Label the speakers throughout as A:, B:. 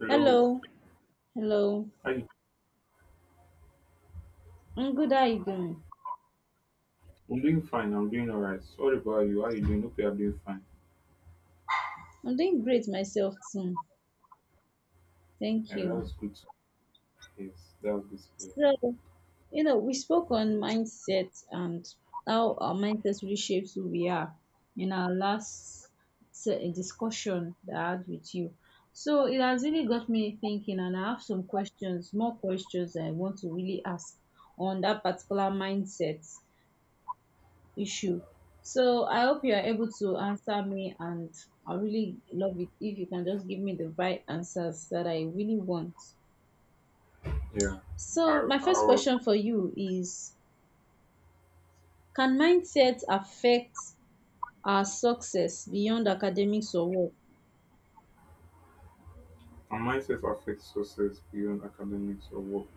A: Hello.
B: Hello, hello.
A: How you?
B: I'm good. How are you doing?
A: I'm doing fine. I'm doing alright. Sorry about you. How you doing? Hope you are doing fine.
B: I'm doing great myself too. Thank
A: Yeah, that
B: you.
A: was good. Yes, that was good.
B: So, we spoke on mindset and how our mindset really shapes who we are in our last discussion that I had with you. So it has really got me thinking, and I have some questions, more questions I want to really ask on that particular mindset issue. So I hope you are able to answer me, and I really love it if you can just give me the right answers that I really want.
A: To hear. Yeah.
B: So
A: Our,
B: my first
A: our
B: question for you is: can mindset affect our success beyond academics or work?
A: our mindset affects success beyond academics or work.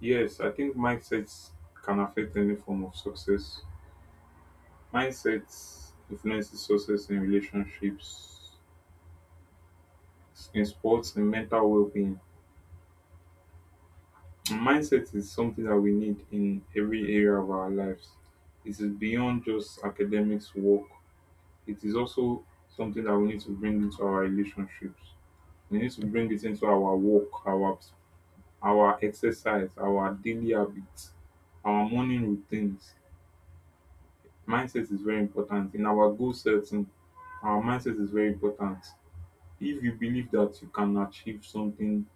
A: Yes, I think mindsets can affect any form of success. Mindsets influences success in relationships, in sports, in mental well-being. And mindset is something that we need in every area of our lives. It is beyond just academics, work, it is also something that we need to bring into our relationships. We need to bring it into our work, our exercise, our daily habits, our morning routines. Mindset is very important. In our goal setting, our mindset is very important. If you believe that you can achieve something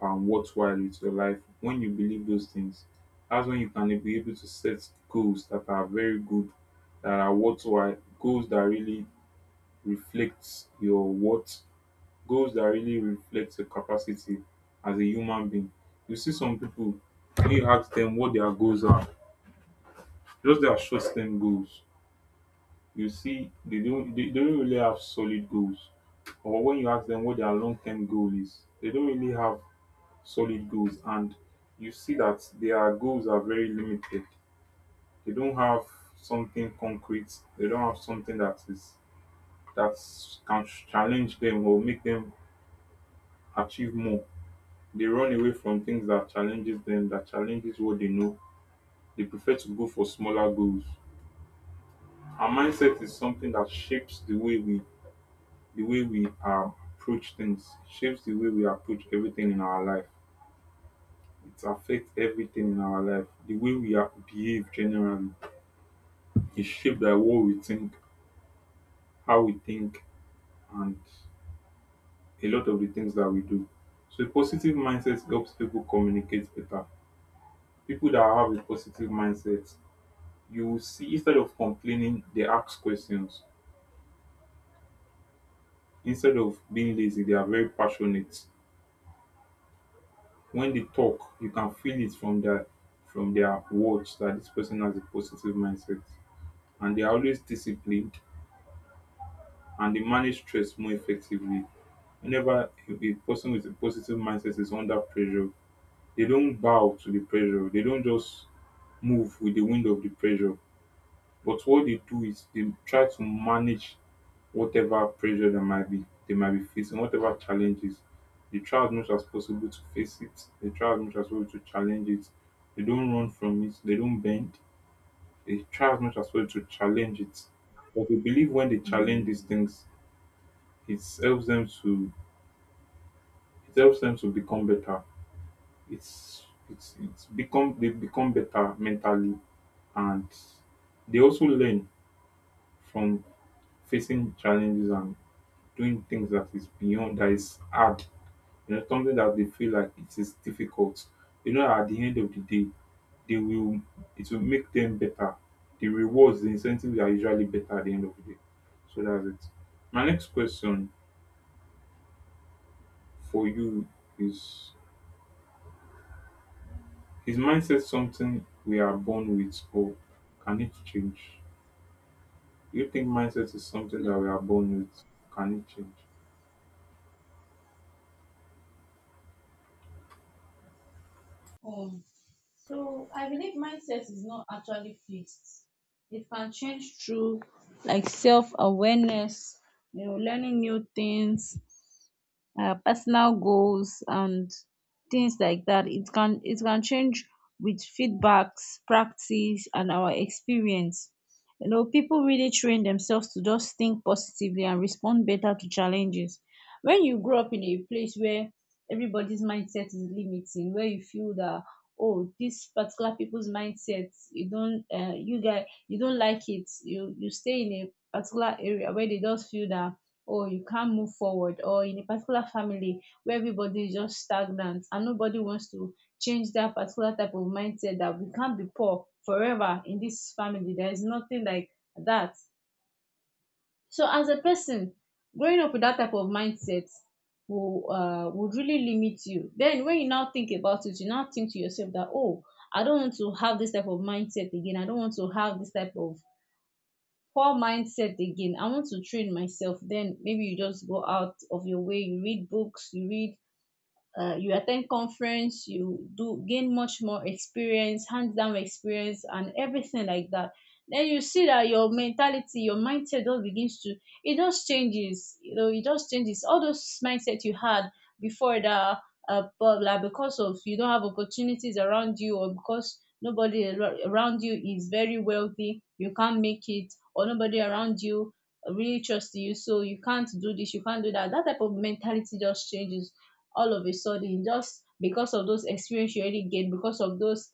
A: worthwhile with your life, when you believe those things, that's when you can be able to set goals that are very good, that are worthwhile, goals that really reflects your worth, goals that really reflect your capacity as a human being. You see some people, when you ask them what their goals are, just their short term goals. You see they don't really have solid goals. Or when you ask them what their long term goal is, they don't really have solid goals, and you see that their goals are very limited. They don't have something concrete. They don't have something that is that can challenge them or make them achieve more. They run away from things that challenges them, that challenges what they know. They prefer to go for smaller goals. Our mindset is something that shapes the way we the way we uh, approach things, shapes the way we approach everything in our life. It affects everything in our life. The way we are, behave generally is shaped by what we think, how we think, and a lot of the things that we do. So a positive mindset helps people communicate better. People that have a positive mindset, you will see, instead of complaining they ask questions, instead of being lazy they are very passionate. When they talk you can feel it from their words that this person has a positive mindset, and they are always disciplined, and they manage stress more effectively. Whenever a person with a positive mindset is under pressure, they don't bow to the pressure, they don't just move with the wind of the pressure, but what they do is they try to manage whatever pressure that might be they might be facing, whatever challenges. They try as much as possible to face it. They try as much as possible to challenge it. They don't run from it. They don't bend. They try as much as possible to challenge it. But we believe when they challenge these things, it helps them to it helps them to become better. It's it's become they become better mentally, and they also learn from facing challenges and doing things that is beyond, that is hard, you know, something that they feel like it is difficult. You know, at the end of the day, they will it will make them better. The rewards, the incentives are usually better at the end of the day. So that's it. My next question for you is is mindset something we are born with or can it change? Do you think mindset is something
B: Hmm.
A: that we are born with? Can it change?
B: Um, so I believe mindset is not actually fixed. It can change through like self awareness, learning new things, personal goals and things like that. It can change with feedbacks, practice and our experience. People really train themselves to just think positively and respond better to challenges. When you grow up in a place where everybody's mindset is limiting, where you feel that, oh, this particular people's mindset, you don't, you guys, you don't like it, you stay in a particular area where they just feel that, or you can't move forward, or in a particular family where everybody is just stagnant and nobody wants to change that particular type of mindset, that we can't be poor forever in this family, there is nothing like that. So as a person growing up with that type of mindset will would really limit you. Then when you now think about it, you now think to yourself that, oh, I don't want to have this type of mindset again, I don't want to have this type of poor mindset again, I want to train myself. Then maybe you just go out of your way, you read books, you attend conference, you do gain much more experience, hands down experience, and everything like that. Then you see that your mentality, your mindset it just changes. It just changes. All those mindset you had before that, but like because of you don't have opportunities around you, or because nobody around you is very wealthy, you can't make it, or nobody around you really trusts you, so you can't do this, you can't do that. That type of mentality just changes all of a sudden, just because of those experience you already gained,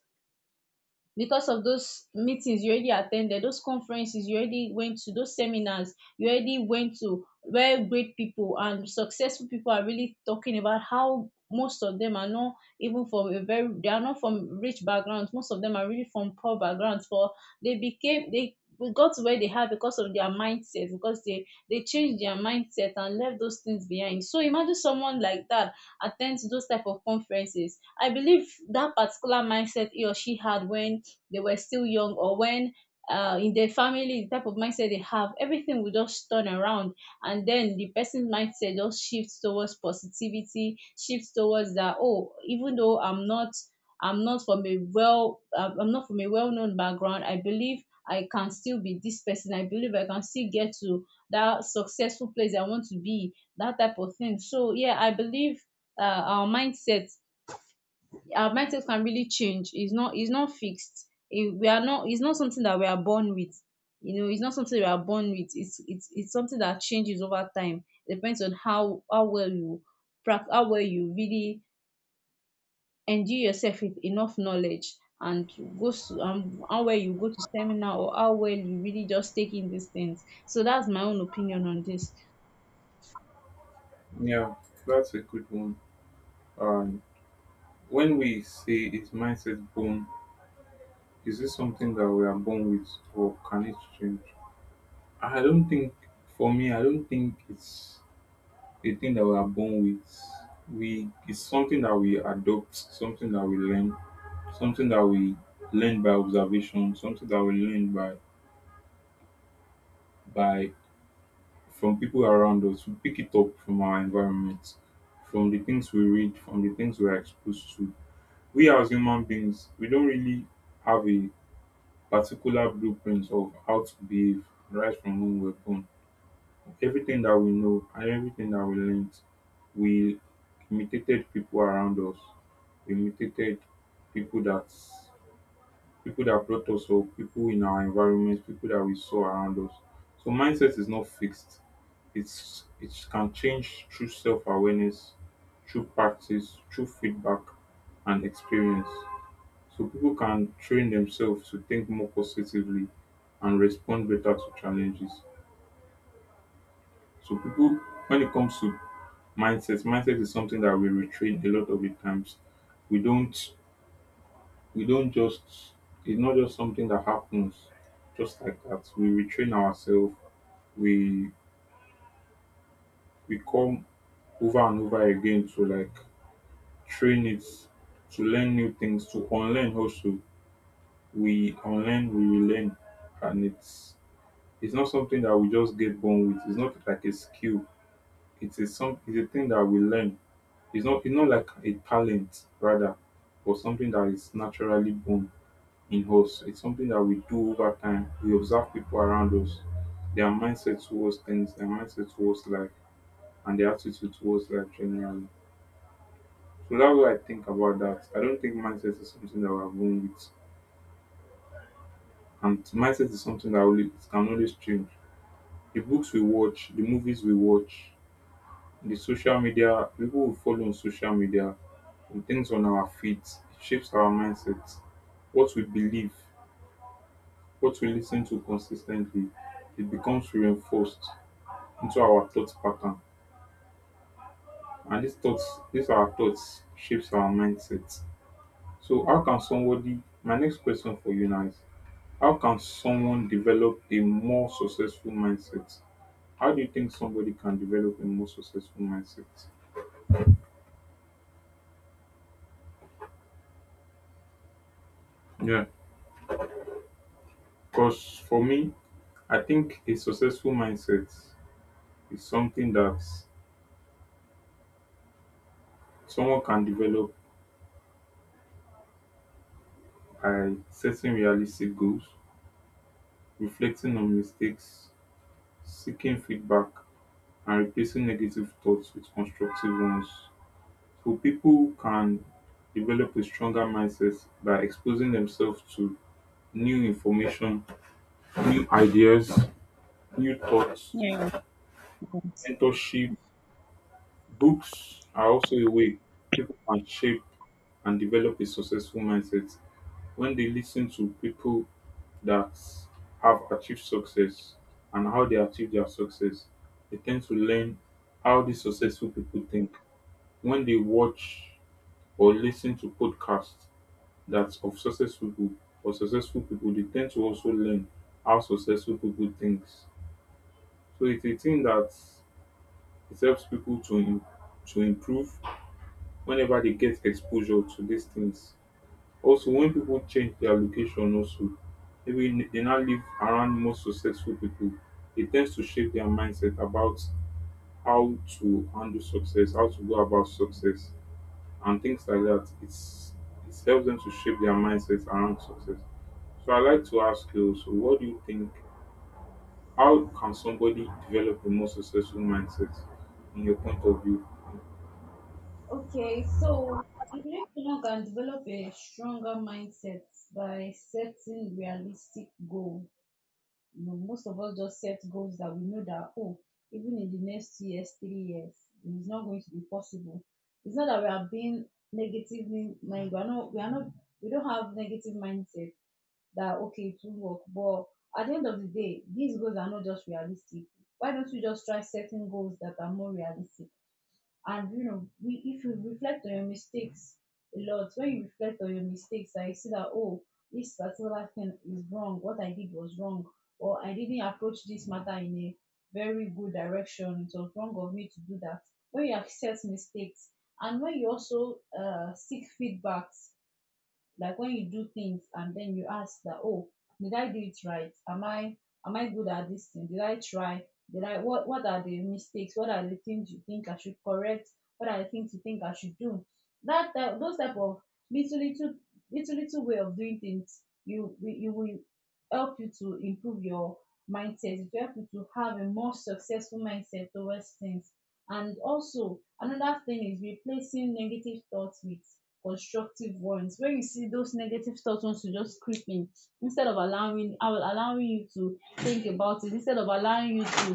B: because of those meetings you already attended, those conferences you already went to, those seminars you already went to, where great people and successful people are really talking about how most of them are not even from a very, they are not from rich backgrounds, most of them are really from poor backgrounds, but they got to where they are because of their mindset, because they changed their mindset and left those things behind. So imagine someone like that attend to those type of conferences. I believe that particular mindset he or she had when they were still young, or when in their family, the type of mindset they have, everything will just turn around. And then the person's mindset just shifts towards positivity, shifts towards that, oh, even though I'm not from a well-known background, I believe I can still be this person. I believe I can still get to that successful place I want to be, that type of thing. So yeah, I believe uh, our mindset our mindset can really change. It's not fixed. It- we are not it's not something that we are born with. You know it's not something we are born with, it's something that changes over time. It depends on how well you practice, how well you really endure yourself with enough knowledge, and how well you go to seminar, or how well you really just take in these things. So that's my own opinion on this.
A: Yeah, that's a good one. Um, when we say is mindset born, is this something that we are born with or can it change? I don't think for me, I don't think it's a thing that we are born with. We it's something that we adopt, something that we learn, something that we learn by observation, something that we learn by from people around us. We pick it up from our environment, from the things we read, from the things we are exposed to. We as human beings, we don't really have a particular blueprint of how to behave right from when we're born. Everything that we know and everything that we learned, we imitated people around us. We imitated people that people that brought us up, people in our environment, people that we saw around us. So mindset is not fixed. It's it can change through self awareness, through practice, through feedback and experience. So people can train themselves to think more positively and respond better to challenges. So people when it comes to mindset. Mindset is something that we retrain a lot of the times. We don't we don't just It's not just something that happens just like that. We retrain ourselves. We we come over and over again to like train it, to learn new things, to unlearn also. We unlearn, we relearn. And it's not something that we just get born with. It's not like a skill. It is some it's a thing that we learn. It's not like a talent rather, or something that is naturally born in us. It's something that we do over time. We observe people around us, their mindset towards things, their mindset towards life, and their attitude towards life generally. So that's what I think about that. I don't think mindset is something that we are born with. And mindset is something that only, it can always change. The books we watch, the movies we watch, the social media, people we follow on social media, on things on our feet. It shapes our mindset. What we believe, what we listen to consistently, it becomes reinforced into our thought pattern. And these thoughts, these are our thoughts shapes our mindset. So how can somebody my next question for you now is how can someone develop a more successful mindset? How do you think somebody can develop a more successful mindset? Yeah. Because for me, I think a successful mindset is something that someone can develop by setting realistic goals, reflecting on mistakes, seeking feedback, and replacing negative thoughts with constructive ones. So, people can develop a stronger mindset by exposing themselves to new information, new ideas, new thoughts.
B: Yeah.
A: Mentorship, books are also a way people can shape and develop a successful mindset when they listen to people that have achieved success and how they achieve their success. They tend to learn how these successful people think. When they watch or listen to podcasts that of successful people or successful people, they tend to also learn how successful people think. So it's a thing that it helps people to improve whenever they get exposure to these things. Also when people change their location also, they now live around more successful people. It tends to shape their mindset about how to handle success, how to go about success and things like that. It's it helps them to shape their mindsets around success. So I like to ask you also what do you think, how can somebody develop a more successful mindset in your point of view?
B: Okay, so I believe one can develop a stronger mindset by setting realistic goal. Most of us just set goals that we know that, oh, even in the next 2 years, 3 years, it's not going to be possible. It's not that we are being negatively minded. We are not. We are not. We don't have negative mindset that, okay, it will work. But at the end of the day, these goals are not just realistic. Why don't we just try setting goals that are more realistic? And you know we if you reflect on your mistakes a lot, when you reflect on your mistakes and you see that, oh, this particular thing is wrong, what I did was wrong, or I didn't approach this matter in a very good direction, it was wrong of me to do that. When you accept mistakes, and when you also seek feedbacks, like when you do things and then you ask that, oh, did I do it right, am I good at this thing, did I try, did I what are the mistakes, what are the things you think I should correct, what are the things you think I should do, that type those type of little little little way of doing things, you will help you to improve your mindset, it will help you to have a more successful mindset towards things. And also, another thing is replacing negative thoughts with constructive ones. When you see those negative thoughts wants to just creep in, instead of allowing, I will allowing you to think about it,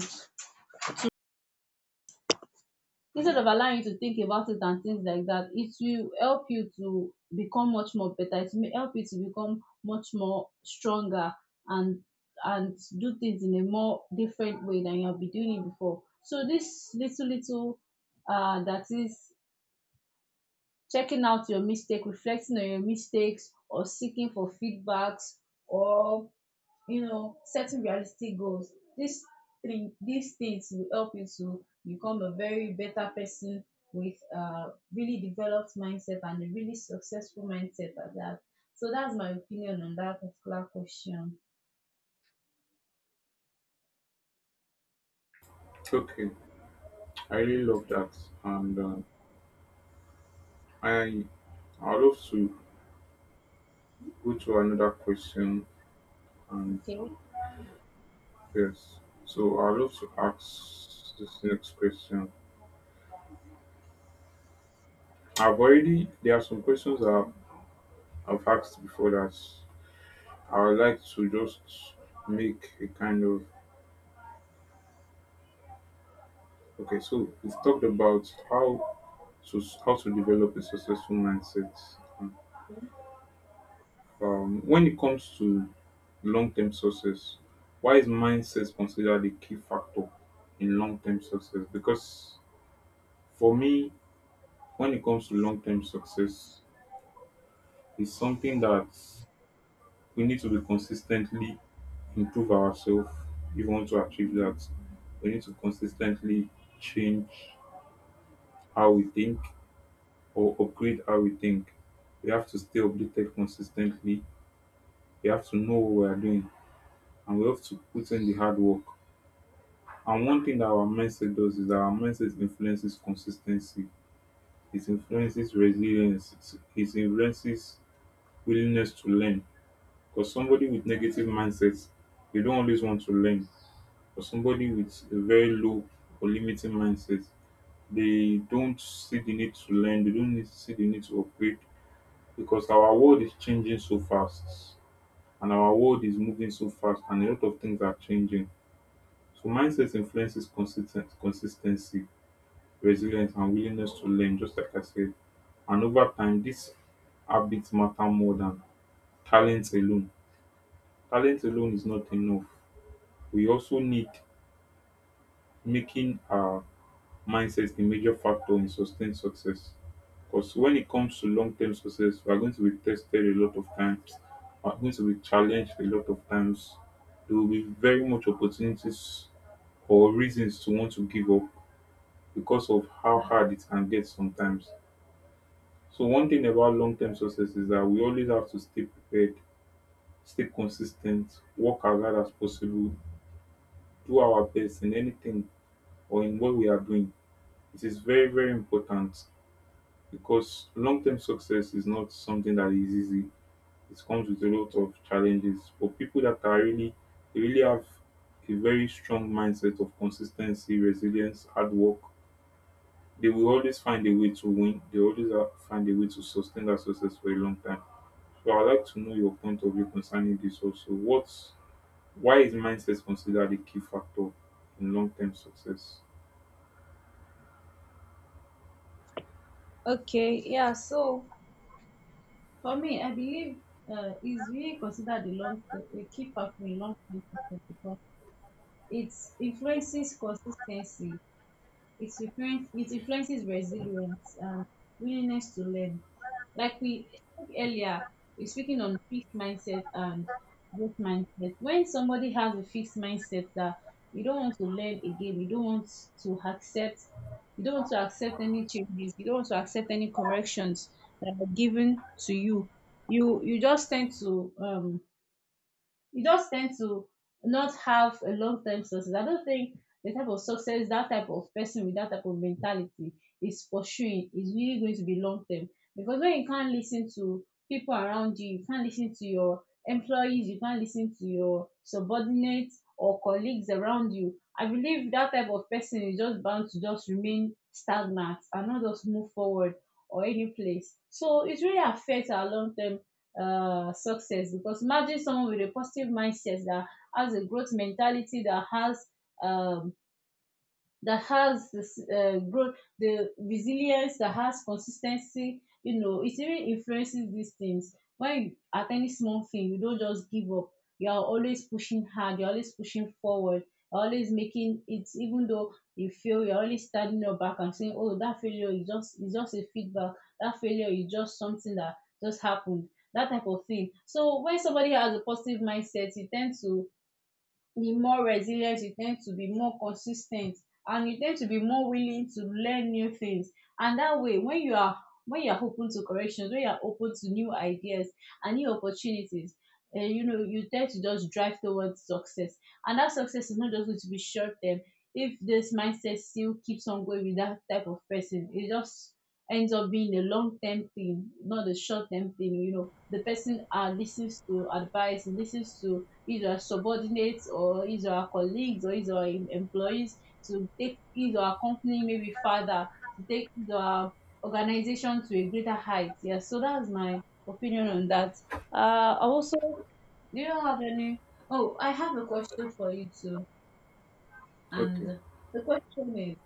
B: instead of allowing you to think about it and things like that, it will help you to become much more better. It will help you to become much more stronger, and and do things in a more different way than you have been doing it before. So this little that is, checking out your mistake, reflecting on your mistakes, or seeking for feedbacks, or setting realistic goals, these things will help you to become a very better person with a really developed mindset and a really successful mindset at that. So that's my opinion on that particular question.
A: Okay, I really love that, and I I would love to go to another question, and
B: Okay.
A: yes. So I'd love to ask this next question. I've already There are some questions that I've asked before that I would like to just make a kind of okay. So we've talked about how to develop a successful mindset. When it comes to long-term success, why is mindset considered a key factor in long-term success? Because for me, when it comes to long term success, it's something that we need to be consistently improve ourselves if we want to achieve that. We need to consistently change how we think or upgrade how we think. We have to stay updated consistently. We have to know what we are doing and we have to put in the hard work. And one thing that our mindset does is that our mindset influences consistency, it influences resilience, it influences willingness to learn. Because somebody with negative mindsets, they don't always want to learn. For somebody with a very low or limiting mindset, they don't see the need to learn, they don't need to see the need to upgrade, because our world is changing so fast and our world is moving so fast and a lot of things are changing. So mindset influences consistent consistency, resilience and willingness to learn, just like I said. And over time these habits matter more than talent alone. Talent alone is not enough, we also need making our mindset a major factor in sustained success. Because when it comes to long term success, we are going to be tested a lot of times, we are going to be challenged a lot of times. There will be very much opportunities or reasons to want to give up because of how hard it can get sometimes. So one thing about long term success is that we always have to stay prepared, stay consistent, work as hard as possible, do our best in anything or in what we are doing. It is very, very important because long term success is not something that is easy. It comes with a lot of challenges. For people that are really, they really have a very strong mindset of consistency, resilience, hard work, they will always find a way to win. They always find a way to sustain that success for a long time. So I'd like to know your point of view concerning this also. What's Why is mindset considered a key factor in long term success?
B: Okay, yeah, so for me I believe is really considered a key factor in long term success because it influences consistency. It influences resilience and willingness to learn. Like earlier, we're speaking on fixed mindset and growth mindset. When somebody has a fixed mindset that you don't want to learn again, you don't want to accept, you don't want to accept any changes, you don't want to accept any corrections that are given to you. You just tend to you just tend to not have a long term success. I don't think the type of success that type of person with that type of mentality is pursuing is really going to be long term. Because when you can't listen to people around you, you can't listen to your employees, you can't listen to your subordinates or colleagues around you. I believe that type of person is just bound to just remain stagnant and not just move forward or any place. So it really affects our long term success, because imagine someone with a positive mindset that has a growth mentality, um, that has this growth, the resilience, that has consistency. It even influences these things. When you, at any small thing, you don't just give up. You are always pushing hard. You're always pushing forward. You're always making it, even though you fail. You're always standing up back and saying, "Oh, that failure is just a feedback. That failure is just something that just happened." That type of thing. So when somebody has a positive mindset, you tend to the more resilient, you tend to be more consistent, and you tend to be more willing to learn new things, and that way, when you are open to corrections, when you are open to new ideas and new opportunities, you tend to just drive towards success, and that success is not just going to be short term if this mindset still keeps on going with that type of person. It just ends up being a long term thing, not a short term thing. The person listens to advice, listens to either subordinates or either our colleagues or either our employees, to take either our company maybe further, to take either our organization to a greater height. Yeah, so that's my opinion on that. Also, do you have any? Oh, I have a question for you too. And
A: Okay.
B: the question is,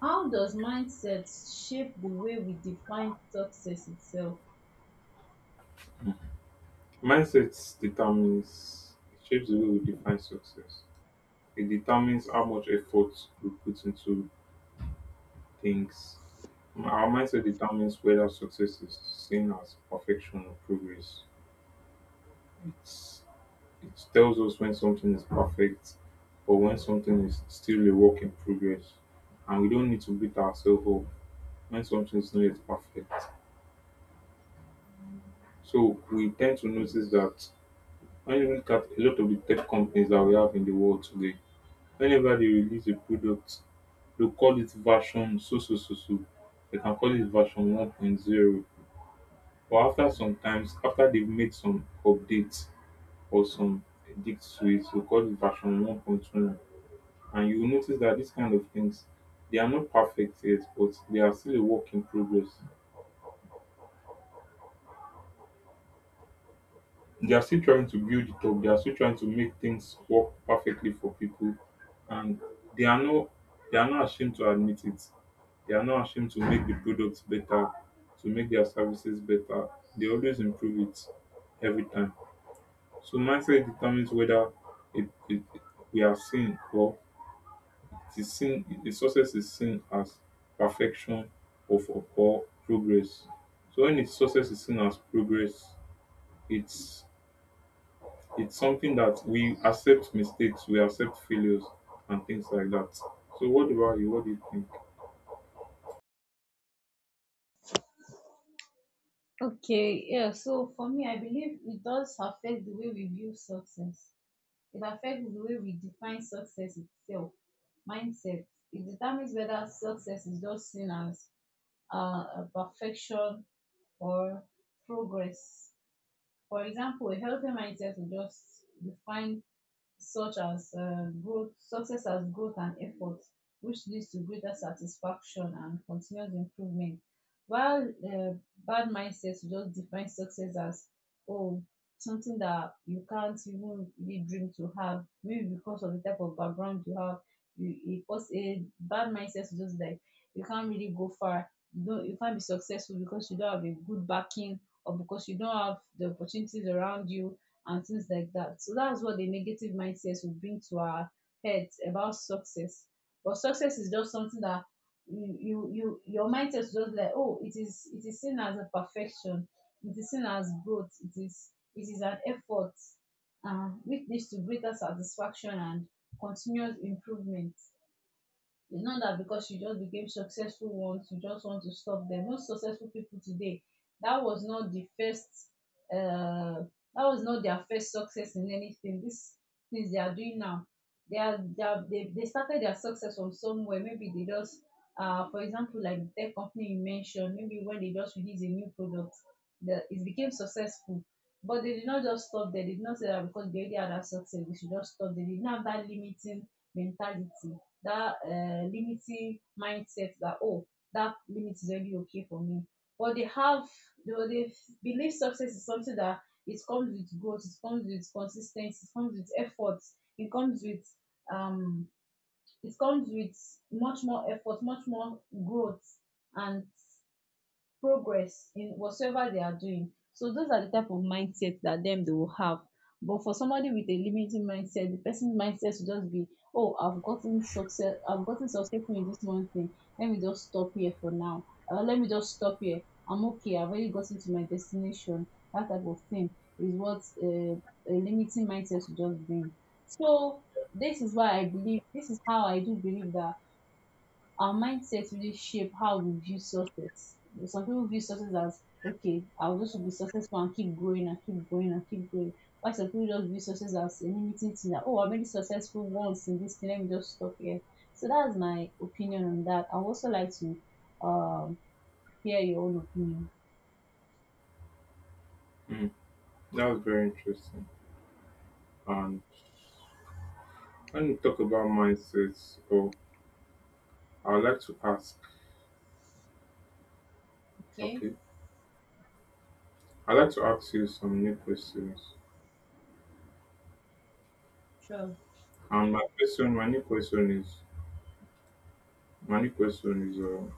B: how does mindset shape the way we define success itself?
A: Mindset determines, it shapes the way we define success. It determines how much effort we put into things. Our mindset determines whether success is seen as perfection or progress. It's, it tells us when something is perfect or when something is still a work in progress. And we don't need to beat ourselves up when something is not yet perfect. So we tend to notice that when you look at a lot of the tech companies that we have in the world today, whenever they release a product, they'll call it version so so so so, they can call it version one point zero, but after sometimes, after they've made some updates or some edits to it, they'll call it version 1.1. And you'll notice that these kind of things, they are not perfect yet, but they are still a work in progress. They are still trying to build it up, they are still trying to make things work perfectly for people, and they are not they are not ashamed to admit it. They are not ashamed to make the product better, to make their services better. They always improve it every time. So mindset determines whether it, it, we are seen, or it is seen, the success is seen as perfection or progress. So when its success is seen as progress, it's it's something that we accept mistakes, we accept failures and things like that. So what about you? What do you think?
B: Okay, yeah, so for me, I believe it does affect the way we view success. It affects the way we define success itself, mindset. It determines whether success is just seen as a perfection or progress. For example, a healthy mindset will just define such as growth success as growth and effort which leads to greater satisfaction and continuous improvement while bad mindset go just define success as oh something that you can't even really dream to have maybe because of the type of background you have, you e cause a bad mindset to just like you can't really go far, you don't you can't be successful because you don't have a good backing or because you don't have the opportunities around you and things like that. So that's what the negative mindset will bring to our heads about success. But success is just something that you your mindset is just like, oh, it is seen as a perfection, it is seen as growth, it is an effort, which leads to greater satisfaction and continuous improvement. It's not that because you just became successful once, you just want to stop them. Most successful people today, that was not the first, uh, that was not their first success in anything. These things they are doing now, they started their success from somewhere. Maybe they just, for example, like the tech company you mentioned, maybe when they just release a new product, it became successful. But they did not just stop there. They did not say that because they already had that success, we should just stop. They did not have that limiting mentality, that limiting mindset that oh that limit is already okay for me, but they have they, they believe success is something that it comes with growth, it comes with consistency, it comes with effort, it comes with um it comes with much more effort, much more growth and progress in whatsoever they are doing. So those are the type of mindset that them they will have. But for somebody with a limiting mindset, the person's mindset will just be, oh, I've gotten success, I've gotten successful in this one thing. Let me just stop here for now. Let me just stop here. I'm okay. I've already gotten to my destination. That type of thing is what a limiting mindset will just bring. So this is why I believe. This is how I do believe that our mindset really shape how we view success. Some people view success as okay, I'll just be successful and keep growing and keep growing and keep growing. Why some people just view success as a limiting thing that oh I'm already successful once in this thing, let me just stop here. So that's my opinion on that. I would also like to um hear your own opinion.
A: Mm, that was very interesting. And when you talk about mindsets, or I would like to ask,
B: Okay,
A: okay, I'd like to ask you some new questions.
B: sure.
A: And my question, my new question is, my new question is,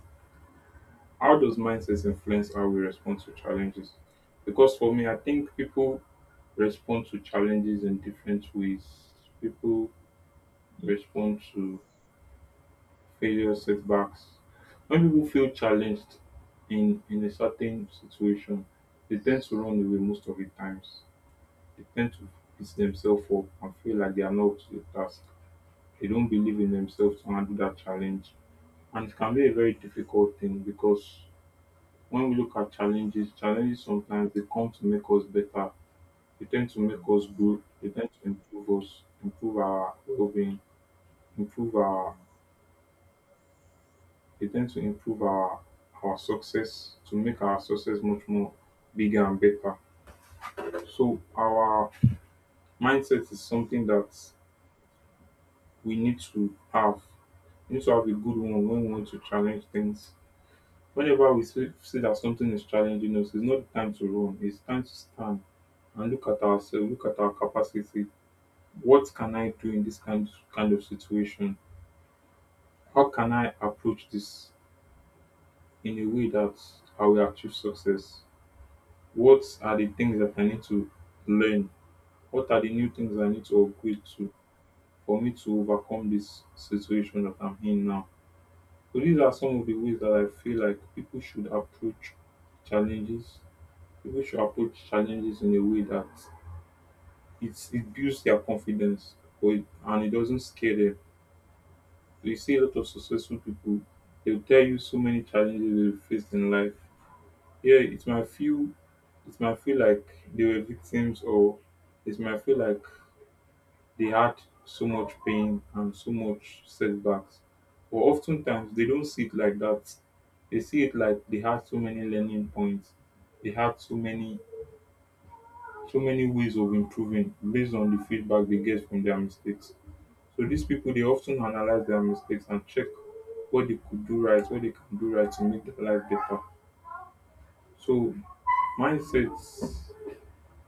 A: How does mindsets influence how we respond to challenges? Because for me, I think people respond to challenges in different ways. People respond to failure, setbacks. When people feel challenged in a certain situation, they tend to run away most of the times. They tend to beat themselves up and feel like they are not up to the task. They don't believe in themselves to handle that challenge. And it can be a very difficult thing because when we look at challenges, challenges sometimes they come to make us better. They tend to make us grow. They tend to improve us, improve our well-being, improve our. They tend to improve our success, to make our success much more bigger and better. So our mindset is something that we need to have. We need to have a good one when we want to challenge things. Whenever we see that something is challenging us, it's not the time to run. It's time to stand and look at ourselves, look at our capacity. What can I do in this kind of situation? How can I approach this in a way that I will achieve success? What are the things that I need to learn? What are the new things I need to upgrade to for me to overcome this situation that I'm in now? So these are some of the ways that I feel like people should approach challenges. People should approach challenges in a way that it builds their confidence and it doesn't scare them. You see a lot of successful people, they'll tell you so many challenges they've faced in life. Yeah, it might feel like they were victims, or it might feel like they had so much pain and so much setbacks. But oftentimes they don't see it like that. They see it like they had so many learning points. They had so many so many ways of improving based on the feedback they get from their mistakes. So these people, they often analyze their mistakes and check what they could do right, what they can do right to make their life better. So mindsets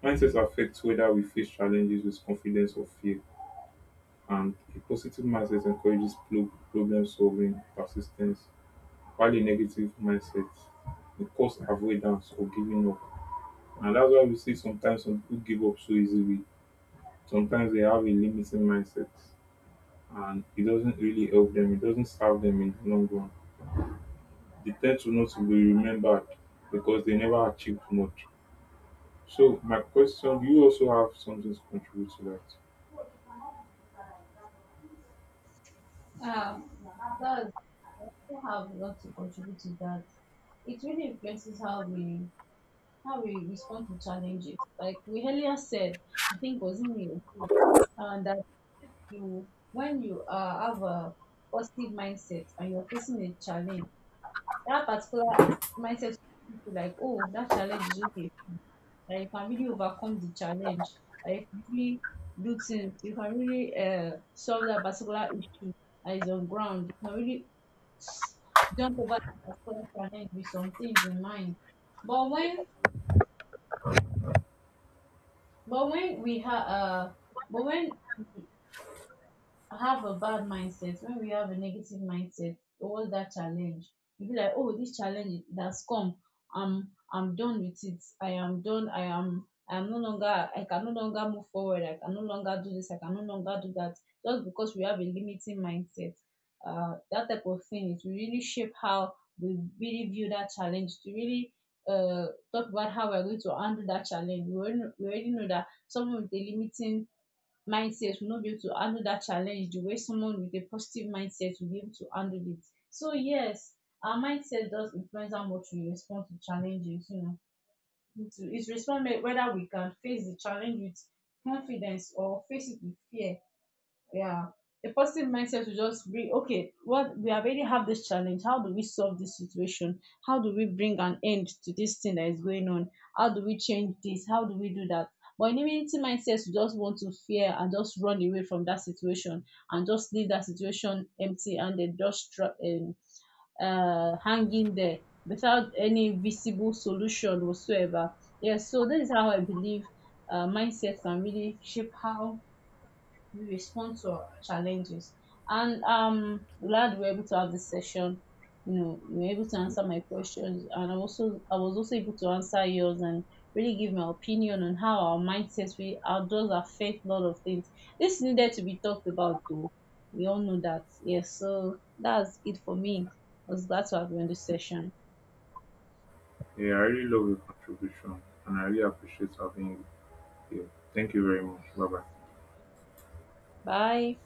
A: mindsets affects whether we face challenges with confidence or fear. And a positive mindset encourages problem solving, persistence, while a negative mindset will cause avoidance or giving up. And that's why we see sometimes some people give up so easily. Sometimes they have a limiting mindset and it doesn't really help them, it doesn't serve them in the long run. They tend to not to be remembered because they never achieved much. So, my question, do you also have something to contribute to that?
B: Uh, that I also have a lot to contribute to that. It really influences how we respond to challenges. Like we earlier said, I think was in the that you when you have a positive mindset and you're facing a challenge, that particular mindset will be like, oh, that challenge is okay. Like you can really overcome the challenge. Like you really do things. You can really solve that particular issue that is on ground. You can really jump over the particular challenge with some things in mind. But when but when we have but when have a bad mindset, when we have a negative mindset towards that challenge, you be like, oh, this challenge that's come, I'm done with it. I am done. I am no longer, I can no longer move forward. I can no longer do this. I can no longer do that. Just because we have a limiting mindset, that type of thing it will really shape how we really view that challenge. To really uh talk about how we're going to handle that challenge. We already know that someone with a limiting mindset will not be able to handle that challenge the way someone with a positive mindset will be able to handle it. So yes, our mindset does influence how much we respond to challenges. You know, it's respond whether we can face the challenge with confidence or face it with fear. Yeah. A positive mindset to just bring, okay, what we already have this challenge. How do we solve this situation? How do we bring an end to this thing that is going on? How do we change this? How do we do that? But in immunity mindset, you just want to fear and just run away from that situation and just leave that situation empty and then just hanging there without any visible solution whatsoever. Yes, so this is how I believe mindset can really shape how we respond to our challenges. And glad we were able to have this session. You know, you were able to answer my questions and I was also able to answer yours and really give my opinion on how our mindsets we how does affect a lot of things. This needed to be talked about though. We all know that. Yes, so that's it for me. I was glad to have you on this session.
A: Yeah, I really love your contribution and I really appreciate having you. Yeah. Thank you very much. Bye bye.
B: Bye.